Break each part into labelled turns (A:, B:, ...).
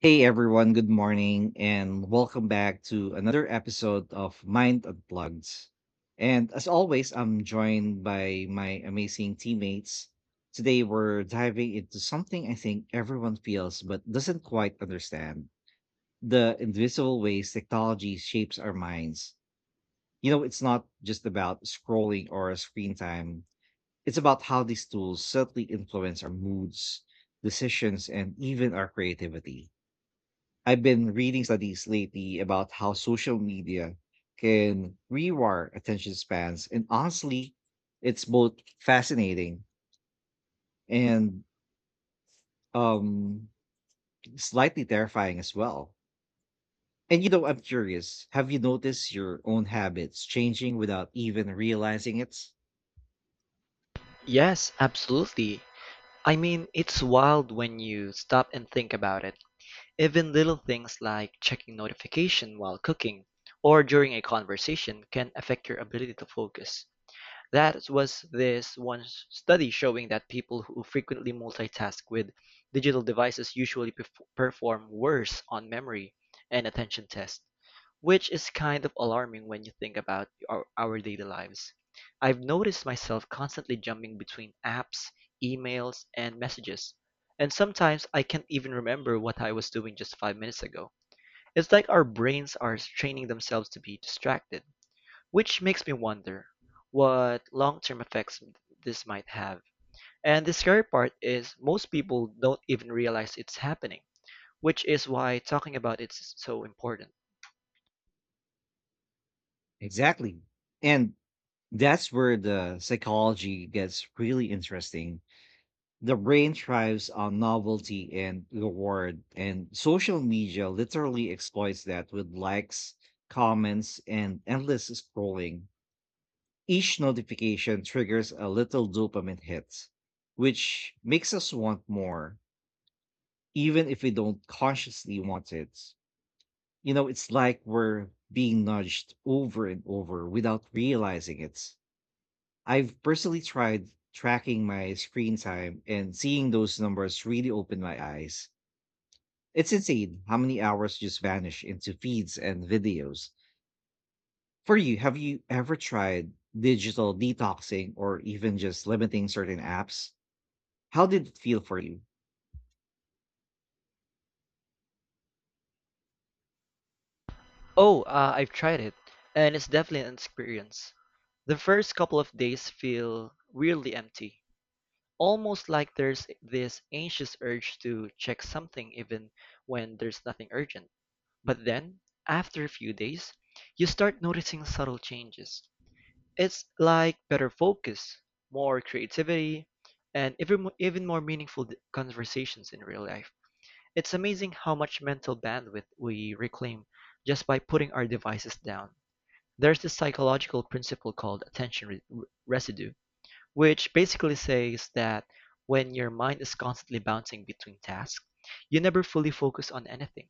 A: Hey everyone, good morning and welcome back to another episode of Mind Unplugged. And as always, I'm joined by my amazing teammates. Today we're diving into something I think everyone feels but doesn't quite understand the invisible ways technology shapes our minds. You know, it's not just about scrolling or screen time, it's about how these tools subtly influence our moods, decisions, and even our creativity. I've been reading studies lately about how social media can rewire attention spans, and honestly, it's both fascinating and um, slightly terrifying as well. And you know, I'm curious. Have you noticed your own habits changing without even realizing it?
B: Yes, absolutely. I mean, it's wild when you stop and think about it. Even little things like checking notification while cooking or during a conversation can affect your ability to focus. That was this one study showing that people who frequently multitask with digital devices perform worse on memory and attention tests, which is kind of alarming when you think about our daily lives. I've noticed myself constantly jumping between apps, emails, and messages, and sometimes I can't even remember what I was doing just 5 minutes ago. It's like our brains are training themselves to be distracted. Which makes me wonder what long-term effects this might have. And the scary part is most people don't even realize it's happening, which is why talking about it is so important.
A: Exactly. And that's where the psychology gets really interesting. The brain thrives on novelty and reward, and social media literally exploits that with likes, comments, and endless scrolling. Each notification triggers a little dopamine hit, which makes us want more, even if we don't consciously want it. You know, it's like we're being nudged over and over without realizing it. I've personally tried tracking my screen time, and seeing those numbers really opened my eyes. It's insane how many hours just vanish into feeds and videos. For you, have you ever tried digital detoxing or even just limiting certain apps? How did it feel for you?
B: Oh, I've tried it, and it's definitely an experience. The first couple of days feel really empty, almost like there's this anxious urge to check something even when there's nothing urgent. But then, after a few days, you start noticing subtle changes. It's like better focus, more creativity, and even more conversations in real life. It's amazing how much mental bandwidth we reclaim just by putting our devices down. There's this psychological principle called attention residue, which basically says that when your mind is constantly bouncing between tasks, you never fully focus on anything.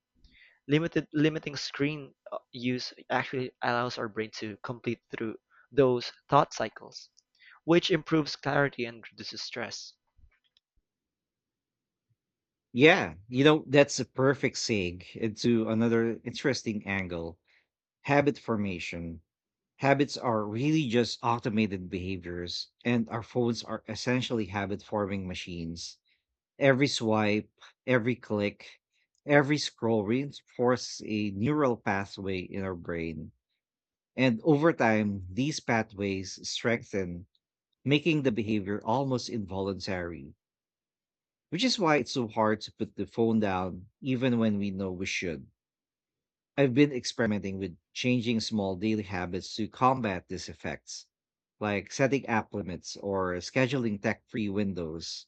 B: Limited limiting screen use actually allows our brain to complete through those thought cycles, which improves clarity and reduces stress.
A: Yeah, you know, that's a perfect segue into another interesting angle: habit formation. Habits are really just automated behaviors, and our phones are essentially habit forming machines. Every swipe, every click, every scroll reinforces a neural pathway in our brain. And over time, these pathways strengthen, making the behavior almost involuntary, which is why it's so hard to put the phone down even when we know we should. I've been experimenting with changing small daily habits to combat these effects, like setting app limits or scheduling tech free windows.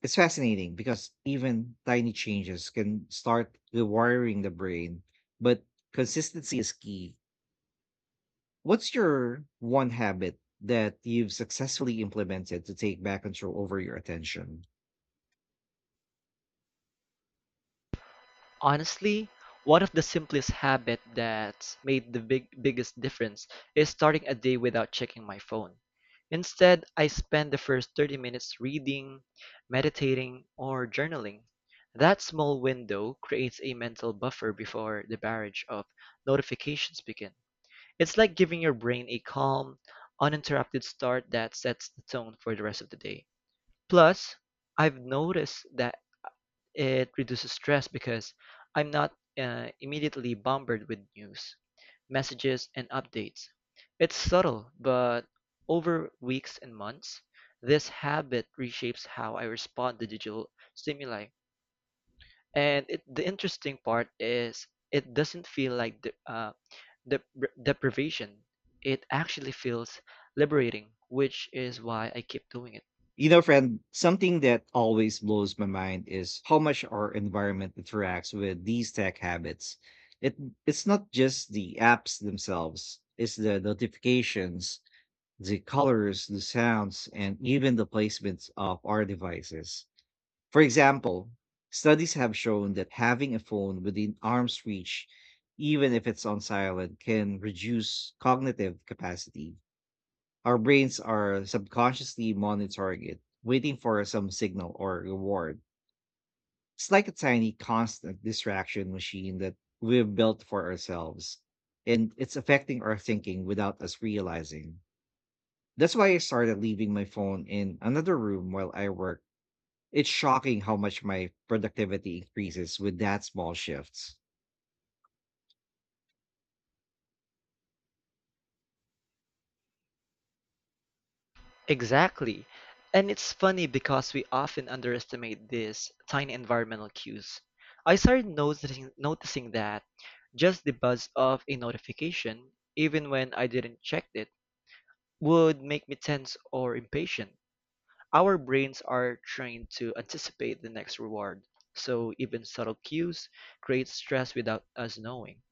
A: It's fascinating because even tiny changes can start rewiring the brain, but consistency is key. What's your one habit that you've successfully implemented to take back control over your attention?
B: Honestly, one of the simplest habits that's made the biggest difference is starting a day without checking my phone. Instead, I spend the first 30 minutes reading, meditating, or journaling. That small window creates a mental buffer before the barrage of notifications begins. It's like giving your brain a calm, uninterrupted start that sets the tone for the rest of the day. Plus, I've noticed that it reduces stress because I'm not immediately bombarded with news, messages, and updates. It's subtle, but over weeks and months, this habit reshapes how I respond to digital stimuli. And the interesting part is it doesn't feel like dep- deprivation, it actually feels liberating, which is why I keep doing it.
A: You know, friend, something that always blows my mind is how much our environment interacts with these tech habits. It it's not just the apps themselves, it's the notifications, the colors, the sounds, and even the placements of our devices. For example, studies have shown that having a phone within arm's reach, even if it's on silent, can reduce cognitive capacity. Our brains are subconsciously monitoring it, waiting for some signal or reward. It's like a tiny constant distraction machine that we've built for ourselves, and it's affecting our thinking without us realizing. That's why I started leaving my phone in another room while I work. It's shocking how much my productivity increases with that small shifts.
B: Exactly. And it's funny because we often underestimate these tiny environmental cues. I started noticing that just the buzz of a notification, even when I didn't check it, would make me tense or impatient. Our brains are trained to anticipate the next reward, so even subtle cues create stress without us knowing.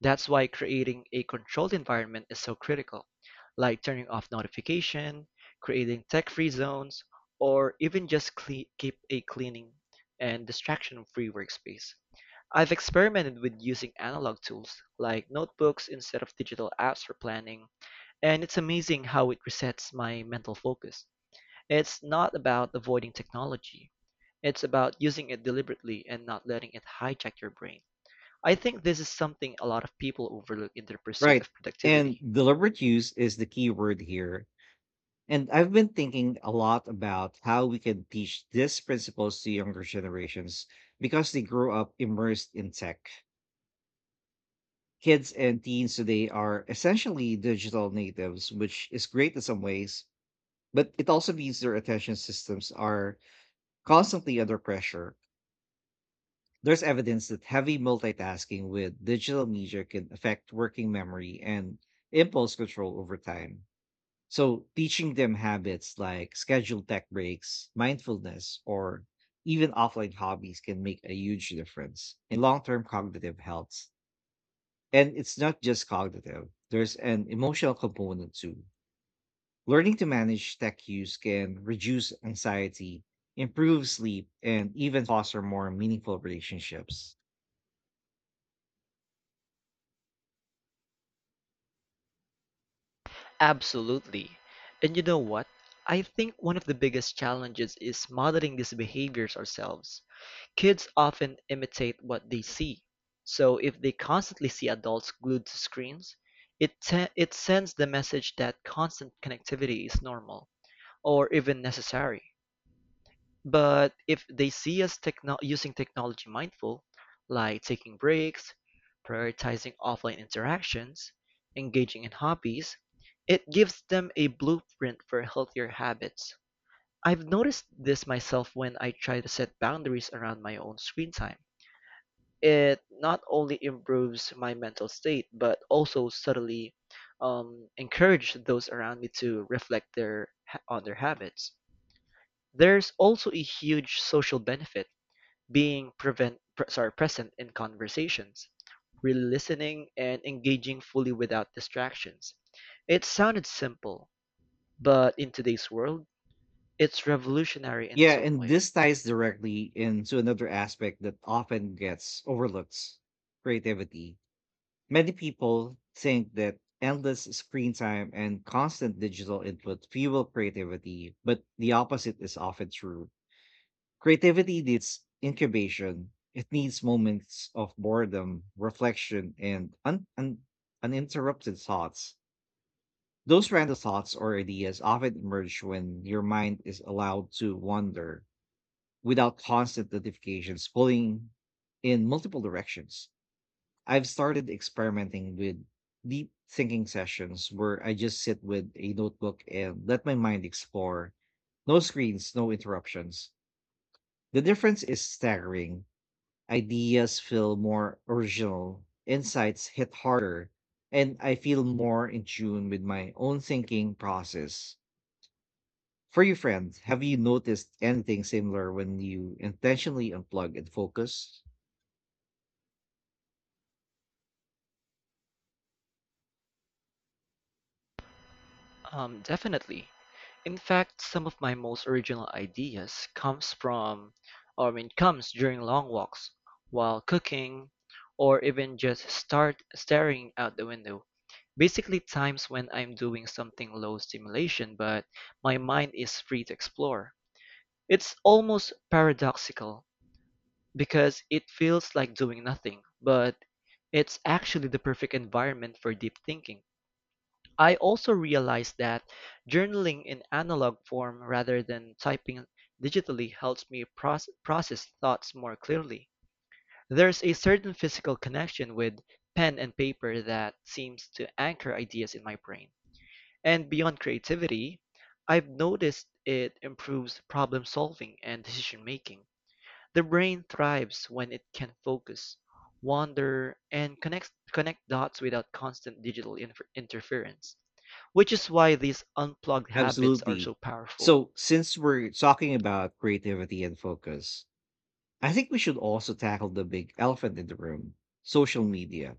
B: That's why creating a controlled environment is so critical, like turning off notification, creating tech-free zones, or keep a cleaning and distraction-free workspace. I've experimented with using analog tools like notebooks instead of digital apps for planning, and it's amazing how it resets my mental focus. It's not about avoiding technology. It's about using it deliberately and not letting it hijack your brain. I think this is something a lot of people overlook in their pursuit
A: Right.
B: of
A: And
B: productivity.
A: deliberate use is the key word here. And I've been thinking a lot about how we can teach these principles to younger generations because they grow up immersed in tech. Kids and teens today are essentially digital natives, which is great in some ways, but it also means their attention systems are constantly under pressure. There's evidence that heavy multitasking with digital media can affect working memory and impulse control over time. So, teaching them habits like scheduled tech breaks, mindfulness, or even offline hobbies can make a huge difference in long term cognitive health. And it's not just cognitive, there's an emotional component too. Learning to manage tech use can reduce anxiety, improve sleep, and even foster more meaningful relationships.
B: Absolutely. And you know what? I think one of the biggest challenges is modeling these behaviors ourselves. Kids often imitate what they see, so if they constantly see adults glued to screens, it sends the message that constant connectivity is normal or even necessary. But if they see us using technology mindful, like taking breaks, prioritizing offline interactions, engaging in hobbies, it gives them a blueprint for healthier habits. I've noticed this myself when I try to set boundaries around my own screen time. It not only improves my mental state, but also subtly encourage those around me to reflect their on their habits. There's also a huge social benefit being prevent pre- sorry present in conversations, really listening and engaging fully without distractions. It sounded simple, but in today's world, it's revolutionary in
A: Yeah,
B: its own
A: and
B: way.
A: this ties directly into another aspect that often gets overlooked: creativity. Many people think that endless screen time and constant digital input fuel creativity, but the opposite is often true. Creativity needs incubation, it needs moments of boredom, reflection, and uninterrupted thoughts. Those random thoughts or ideas often emerge when your mind is allowed to wander without constant notifications pulling in multiple directions. I've started experimenting with deep thinking sessions where I just sit with a notebook and let my mind explore. No screens, no interruptions. The difference is staggering. Ideas feel more original, insights hit harder, and I feel more in tune with my own thinking process. For you, friend, have you noticed anything similar when you intentionally unplug and focus?
B: Definitely. In fact, some of my most original ideas comes from, or I mean, comes during long walks, while cooking, or even just start staring out the window. Basically, times when I'm doing something low stimulation, but my mind is free to explore. It's almost paradoxical because it feels like doing nothing, but it's actually the perfect environment for deep thinking. I also realized that journaling in analog form rather than typing digitally helps me process thoughts more clearly. There's a certain physical connection with pen and paper that seems to anchor ideas in my brain. And beyond creativity, I've noticed it improves problem solving and decision making. The brain thrives when it can focus, wander, and connect dots without constant interference, which is why these unplugged habits are so
A: Absolutely.
B: powerful.
A: So, since we're talking about creativity and focus, I think we should also tackle the big elephant in the room: social media.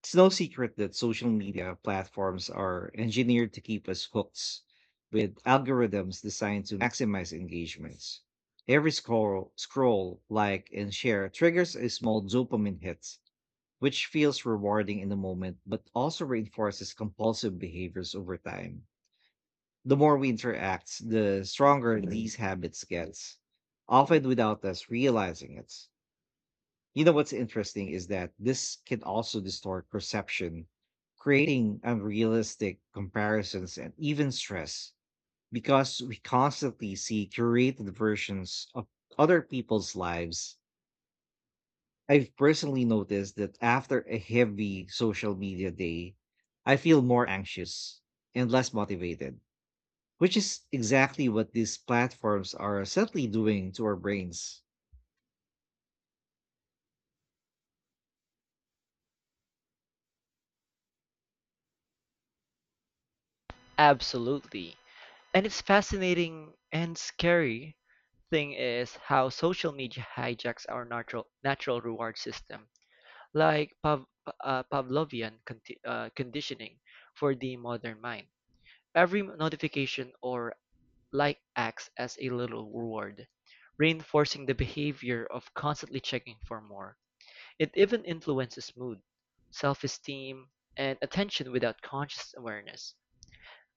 A: It's no secret that social media platforms are engineered to keep us hooked with algorithms designed to maximize engagements. Every scroll, like, and share triggers a small dopamine hit, which feels rewarding in the moment but also reinforces compulsive behaviors over time. The more we interact, the stronger these habits gets, often without us realizing it. You know what's interesting is that this can also distort perception, creating unrealistic comparisons and even stress because we constantly see curated versions of other people's lives. I've personally noticed that after a heavy social media day, I feel more anxious and less motivated, which is exactly what these platforms are subtly doing to our brains.
B: Absolutely. And it's fascinating and scary thing is how social media hijacks our natural reward system, like Pavlovian conditioning for the modern mind. Every notification or Like acts as a little reward, reinforcing the behavior of constantly checking for more. It even influences mood, self-esteem, and attention without conscious awareness.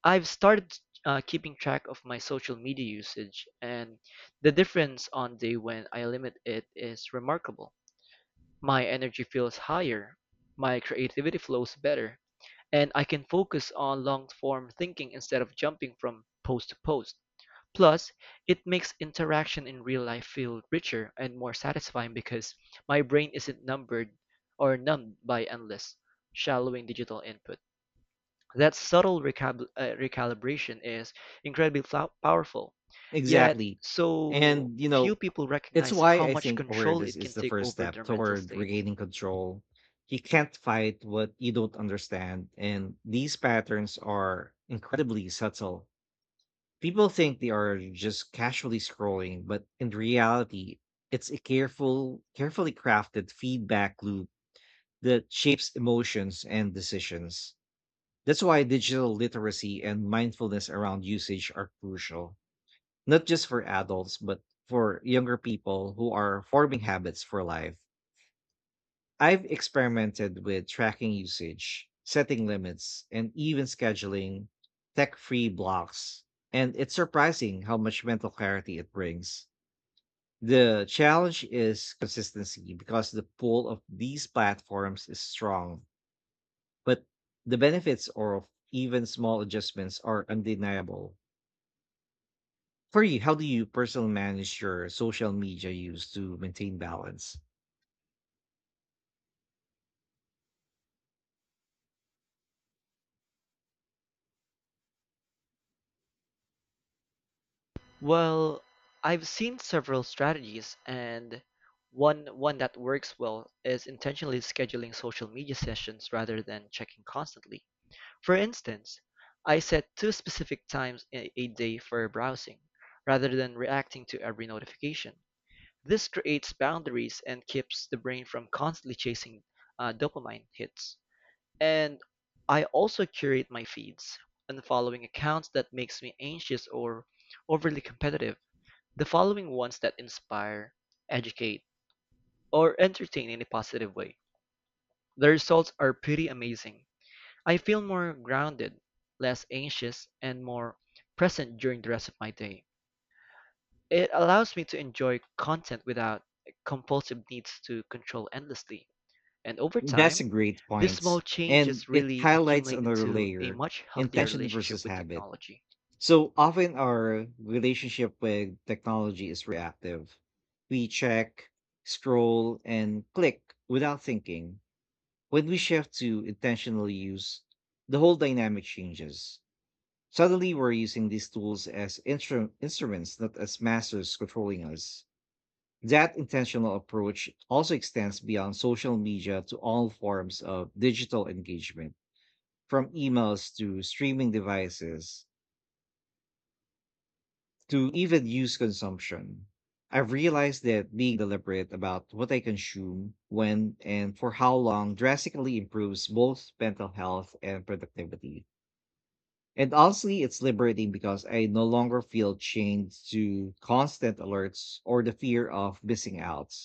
B: I've started keeping track of my social media usage, and the difference on day when I limit it is remarkable. My energy feels higher, my creativity flows better, and I can focus on long-form thinking instead of jumping from post to post. Plus, it makes interaction in real life feel richer and more satisfying because my brain isn't numbered or numbed by endless, shallowing digital input. That subtle recalibration is powerful. Yet,
A: Exactly.
B: so
A: And, you
B: few
A: know,
B: people
A: it's
B: recognize
A: why
B: how
A: I
B: much
A: think
B: control
A: awareness
B: it
A: is
B: can
A: the
B: take
A: first
B: over
A: step
B: their mental
A: toward
B: state.
A: regaining control. You can't fight what you don't understand. And these patterns are incredibly subtle. People think they are just casually scrolling, but in reality, it's a careful, carefully crafted feedback loop that shapes emotions and decisions. That's why digital literacy and mindfulness around usage are crucial, not just for adults, but for younger people who are forming habits for life. I've experimented with tracking usage, setting limits, and even scheduling tech free blocks. And it's surprising how much mental clarity it brings. The challenge is consistency because the pull of these platforms is strong. But the benefits of even small adjustments are undeniable. For you, how do you personally manage your social media use to maintain balance?
B: Well, I've seen several strategies, and one that works well is intentionally scheduling social media sessions rather than checking constantly. For instance, I set two specific times a day for browsing, rather than reacting to every notification. This creates boundaries and keeps the brain from constantly chasing dopamine hits. And I also curate my feeds, unfollowing accounts that makes me anxious or overly competitive the following ones that inspire, educate, or entertain in a positive way. The results are pretty amazing. I feel more grounded, less anxious, and more present during the rest of my day. It allows me to enjoy content without compulsive needs to control endlessly. And over
A: That's a
B: time,
A: great
B: these small
A: point.
B: changes
A: And it
B: really
A: highlights
B: accumulate
A: another
B: into a
A: layer:
B: much healthier
A: intention
B: relationship
A: versus
B: with
A: habit.
B: technology.
A: So often our relationship with technology is reactive. We check, scroll, and click without thinking. When we shift to intentionally use, the whole dynamic changes. Suddenly, we're using these tools as instruments, not as masters controlling us. That intentional approach also extends beyond social media to all forms of digital engagement, from emails to streaming devices to even use consumption. I've realized that being deliberate about what I consume, when, and for how long drastically improves both mental health and productivity. And honestly, it's liberating because I no longer feel chained to constant alerts or the fear of missing out.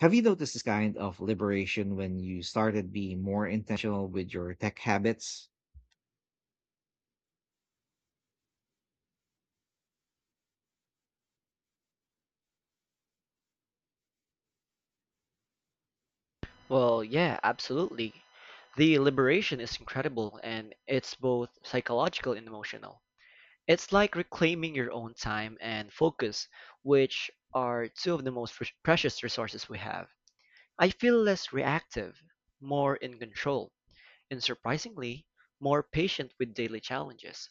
A: Have you noticed this kind of liberation when you started being more intentional with your tech habits?
B: Well, yeah, absolutely. The liberation is incredible and it's both psychological and emotional. It's like reclaiming your own time and focus, which are two of the most precious resources we have. I feel less reactive, more in control, and surprisingly, more patient with daily challenges.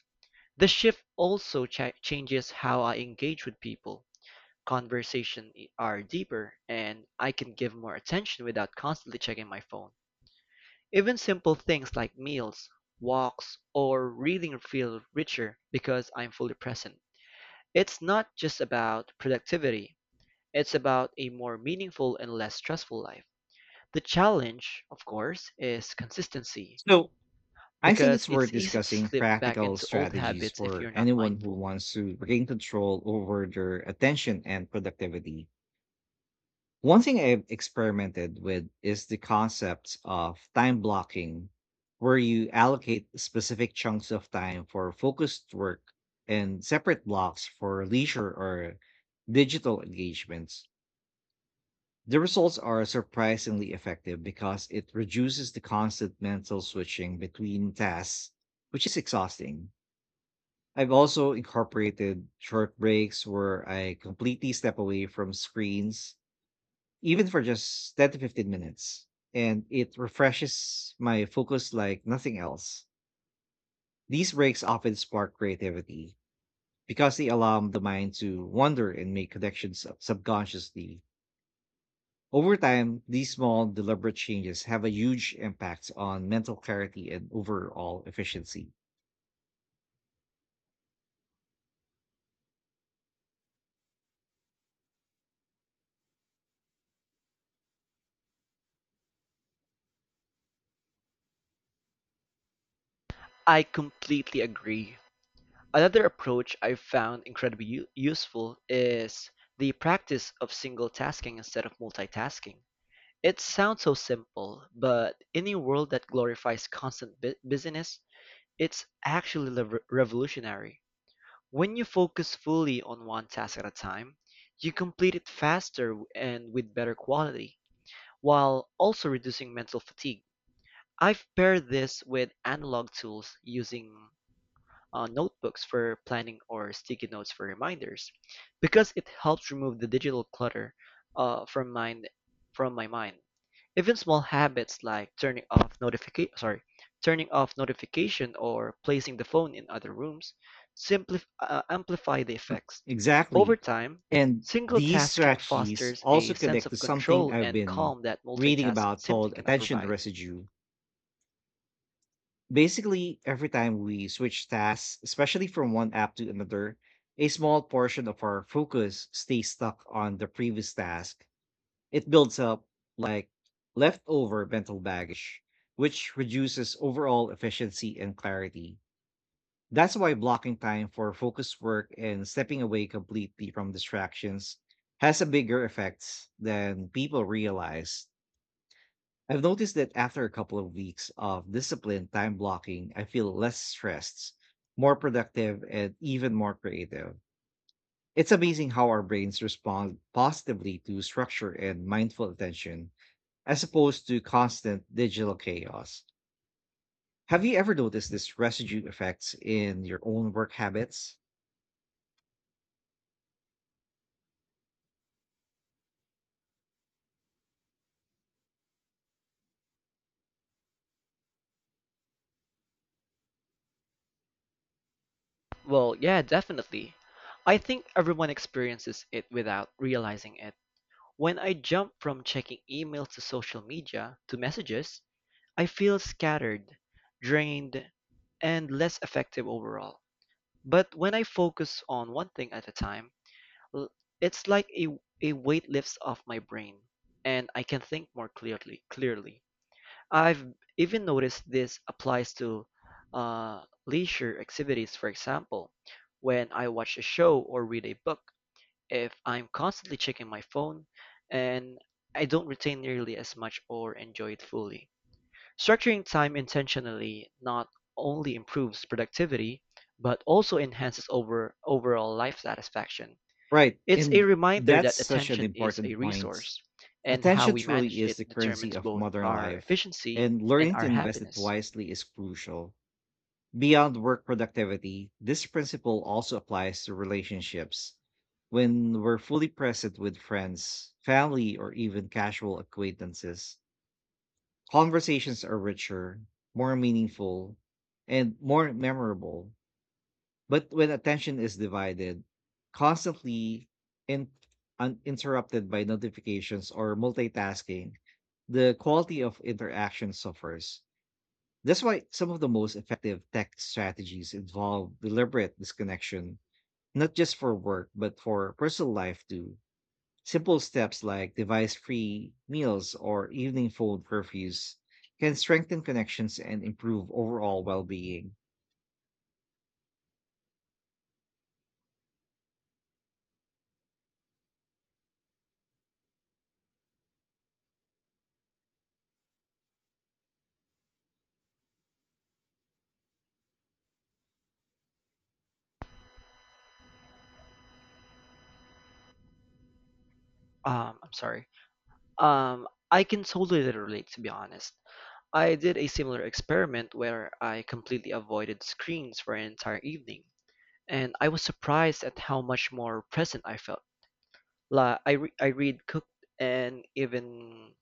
B: The shift also changes how I engage with people. Conversations are deeper, and I can give more attention without constantly checking my phone. Even simple things like meals, walks, or reading feel richer because I'm fully present. It's not just about productivity, it's about a more meaningful and less stressful life. The challenge, of course, is consistency,
A: So, I think
B: because
A: it's worth
B: it's easy to
A: discussing
B: slip back
A: practical
B: into old
A: strategies
B: habits if
A: for
B: you're not
A: anyone who
B: mindful.
A: wants to regain control over their attention and productivity. One thing I've experimented with is the concepts of time blocking, where you allocate specific chunks of time for focused work and separate blocks for leisure or digital engagements. The results are surprisingly effective because it reduces the constant mental switching between tasks, which is exhausting. I've also incorporated short breaks where I completely step away from screens even for just 10 to 15 minutes, and it refreshes my focus like nothing else. These breaks often spark creativity because they allow the mind to wander and make connections subconsciously. Over time, these small, deliberate changes have a huge impact on mental clarity and overall efficiency.
B: I completely agree. Another approach I've found incredibly useful is the practice of single tasking instead of multitasking. It sounds so simple, but in a world that glorifies constant busyness, it's actually revolutionary. When you focus fully on one task at a time, you complete it faster and with better quality, while also reducing mental fatigue. I've paired this with analog tools using notebooks for planning or sticky notes for reminders, because it helps remove the digital clutter uh, from mind from my mind. Even small habits like turning off notification or placing the phone in other rooms simply amplify the effects. Over
A: Exactly.
B: time,
A: And
B: single
A: these
B: tasking
A: strategies
B: fosters a
A: also
B: sense
A: connect to
B: of
A: something
B: control
A: I've
B: and
A: been
B: calm that
A: reading
B: multitask
A: about
B: simply
A: called
B: cannot
A: attention
B: provide.
A: residue. Basically, every time we switch tasks, especially from one app to another, a small portion of our focus stays stuck on the previous task. It builds up like leftover mental baggage, which reduces overall efficiency and clarity. That's why blocking time for focused work and stepping away completely from distractions has a bigger effect than people realize. I've noticed that after a couple of weeks of disciplined time blocking, I feel less stressed, more productive, and even more creative. It's amazing how our brains respond positively to structure and mindful attention as opposed to constant digital chaos. Have you ever noticed this residue effects in your own work habits?
B: Well, yeah, definitely. I think everyone experiences it without realizing it. When I jump from checking emails to social media to messages, I feel scattered, drained, and less effective overall. But when I focus on one thing at a time, l- it's like a weight lifts off my brain and I can think more clearly. Clearly, I've even noticed this applies to leisure activities. For example, when I watch a show or read a book, if I'm constantly checking my phone, and I don't retain nearly as much or enjoy it fully. Structuring time intentionally not only improves productivity, but also enhances overall life satisfaction.
A: Right,
B: It's a
A: and
B: reminder
A: that's
B: that
A: such an
B: attention is a
A: important point.
B: resource, and how
A: Attention
B: we manage
A: truly is
B: it
A: the currency
B: determines
A: of
B: both
A: modern
B: our
A: life,
B: efficiency
A: and
B: and
A: learning to
B: our
A: invest it
B: happiness.
A: wisely is crucial. Beyond work productivity, this principle also applies to relationships. When we're fully present with friends, family, or even casual acquaintances, conversations are richer, more meaningful, and more memorable. But when attention is divided, constantly and uninterrupted by notifications or multitasking, the quality of interaction suffers. That's why some of the most effective tech strategies involve deliberate disconnection, not just for work, but for personal life too. Simple steps like device free meals or evening phone curfews can strengthen connections and improve overall well being.
B: I'm sorry. I can totally relate, to be honest. I did a similar experiment where I completely avoided screens for an entire evening, and I was surprised at how much more present I felt. La I re I read, cooked, and even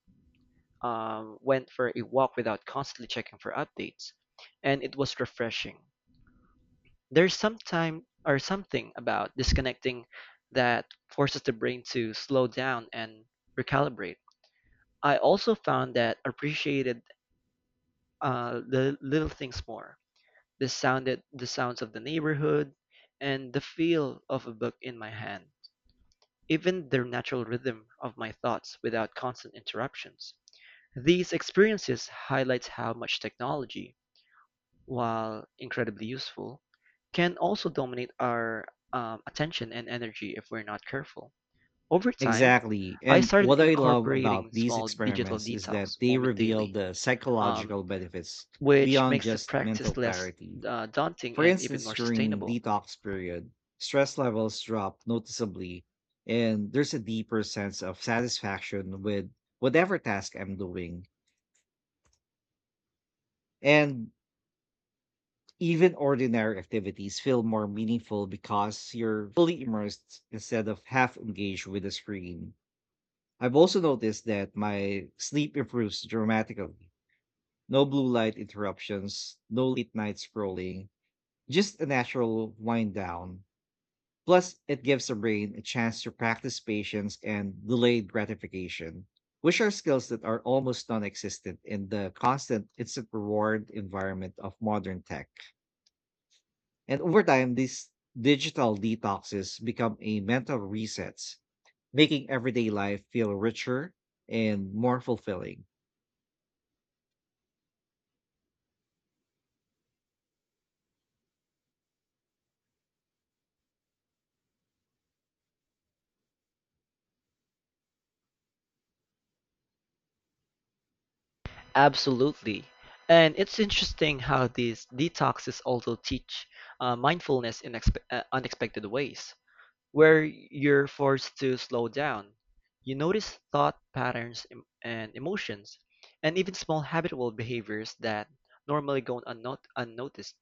B: went for a walk without constantly checking for updates, and it was refreshing. There's some time or something about disconnecting that forces the brain to slow down and recalibrate. I also found that appreciated the little things more. The sounds of the neighborhood and the feel of a book in my hand even the natural rhythm of my thoughts without constant interruptions. These experiences highlight how much technology, while incredibly useful, can also dominate our attention and energy if we're not careful. Over time,
A: Exactly.
B: I
A: And
B: started
A: what I love about
B: incorporating
A: these
B: small digital
A: experiments is that
B: detox
A: they
B: moment
A: reveal
B: daily,
A: the
B: um,
A: psychological benefits
B: which
A: beyond
B: makes the
A: just
B: practice
A: mental
B: less
A: clarity.
B: daunting
A: For
B: and even
A: instance,
B: more
A: during
B: sustainable.
A: detox period, stress levels drop noticeably and there's a deeper sense of satisfaction with whatever task I'm doing. And even ordinary activities feel more meaningful because you're fully immersed instead of half engaged with the screen. I've also noticed that my sleep improves dramatically. No blue light interruptions, no late night scrolling, just a natural wind down. Plus, it gives the brain a chance to practice patience and delayed gratification, which are skills that are almost non existent in the constant instant reward environment of modern tech. And over time, these digital detoxes become a mental resets, making everyday life feel richer and more fulfilling.
B: Absolutely. And it's interesting how these detoxes also teach mindfulness in unexpected ways, where you're forced to slow down. You notice thought patterns and emotions, and even small habitual behaviors that normally go unnoticed.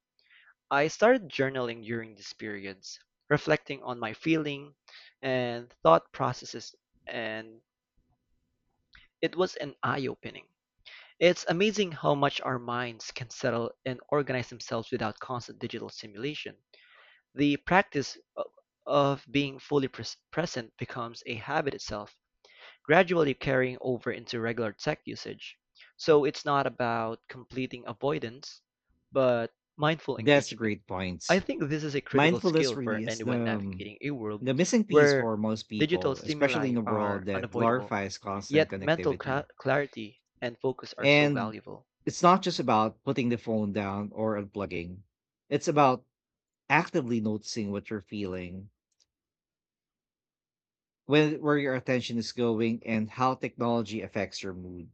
B: I started journaling during these periods, reflecting on my feeling and thought processes, and it was an eye-opening. It's amazing how much our minds can settle and organize themselves without constant digital stimulation. The practice of being fully present becomes a habit itself, gradually carrying over into regular tech usage. So it's not about completing avoidance, but mindful
A: That's
B: engagement.
A: great
B: I
A: points.
B: think this is a critical
A: Mindfulness
B: skill for
A: really is
B: anyone navigating a world
A: the missing piece
B: where
A: for most
B: digital
A: people, especially
B: stimuli
A: in a
B: are
A: world that
B: unavoidable,
A: glorifies constant
B: yet mental
A: connectivity.
B: clarity and focus are so
A: And
B: valuable.
A: it's not just about putting the phone down or unplugging. It's about actively noticing what you're feeling, when where your attention is going, and how technology affects your mood.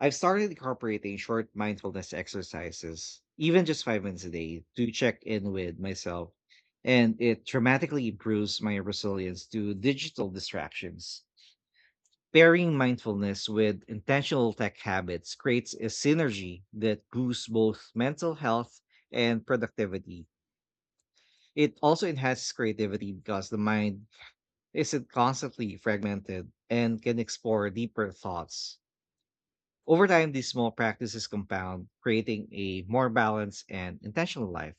A: I've started incorporating short mindfulness exercises, even just 5 minutes a day, to check in with myself. And it dramatically improves my resilience to digital distractions. Pairing mindfulness with intentional tech habits creates a synergy that boosts both mental health and productivity. It also enhances creativity because the mind isn't constantly fragmented and can explore deeper thoughts. Over time, these small practices compound, creating a more balanced and intentional life.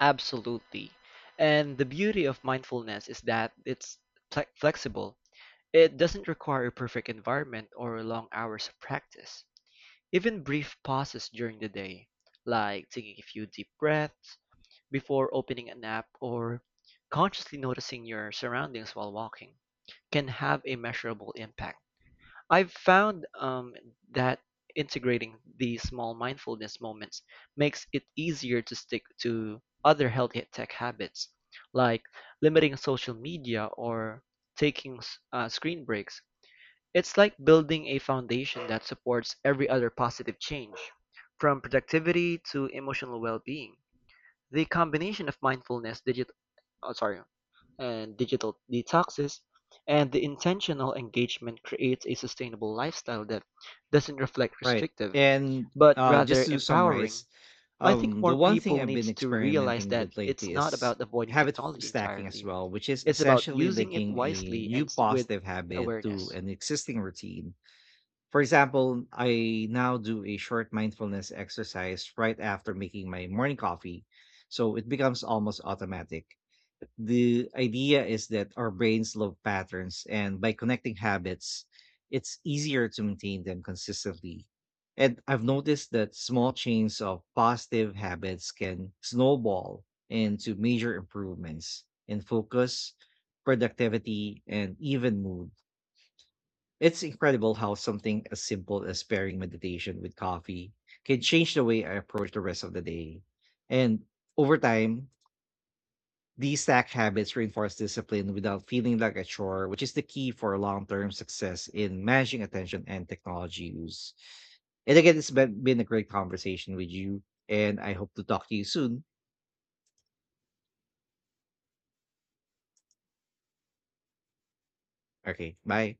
B: Absolutely. And the beauty of mindfulness is that it's flexible. It doesn't require a perfect environment or long hours of practice. Even brief pauses during the day, like taking a few deep breaths before opening an app or consciously noticing your surroundings while walking, can have a measurable impact. I've found that integrating these small mindfulness moments makes it easier to stick to other healthy tech habits, like limiting social media or taking screen breaks. It's like building a foundation that supports every other positive change, from productivity to emotional well-being. The combination of mindfulness, oh, sorry, digital detoxes, and the intentional engagement creates a sustainable lifestyle that doesn't reflect
A: Right.
B: restrictive,
A: And
B: but
A: just
B: rather
A: to summarize,
B: empowering. I think more
A: the one thing
B: people
A: I've been
B: needs to realize
A: experimenting
B: that
A: with
B: it's
A: lately
B: not
A: is
B: about avoiding technology
A: stacking as
B: entirely.
A: well, which is
B: It's about
A: essentially
B: using it
A: linking a
B: wisely
A: new
B: and with
A: positive habit to
B: awareness.
A: an existing routine. For example, I now do a short mindfulness exercise right after making my morning coffee, so it becomes almost automatic. The idea is that our brains love patterns, and by connecting habits, it's easier to maintain them consistently. And I've noticed that small chains of positive habits can snowball into major improvements in focus, productivity, and even mood. It's incredible how something as simple as pairing meditation with coffee can change the way I approach the rest of the day. And over time, these stack habits reinforce discipline without feeling like a chore, which is the key for long term success in managing attention and technology use. And again, it's been a great conversation with you, and I hope to talk to you soon. Okay, bye.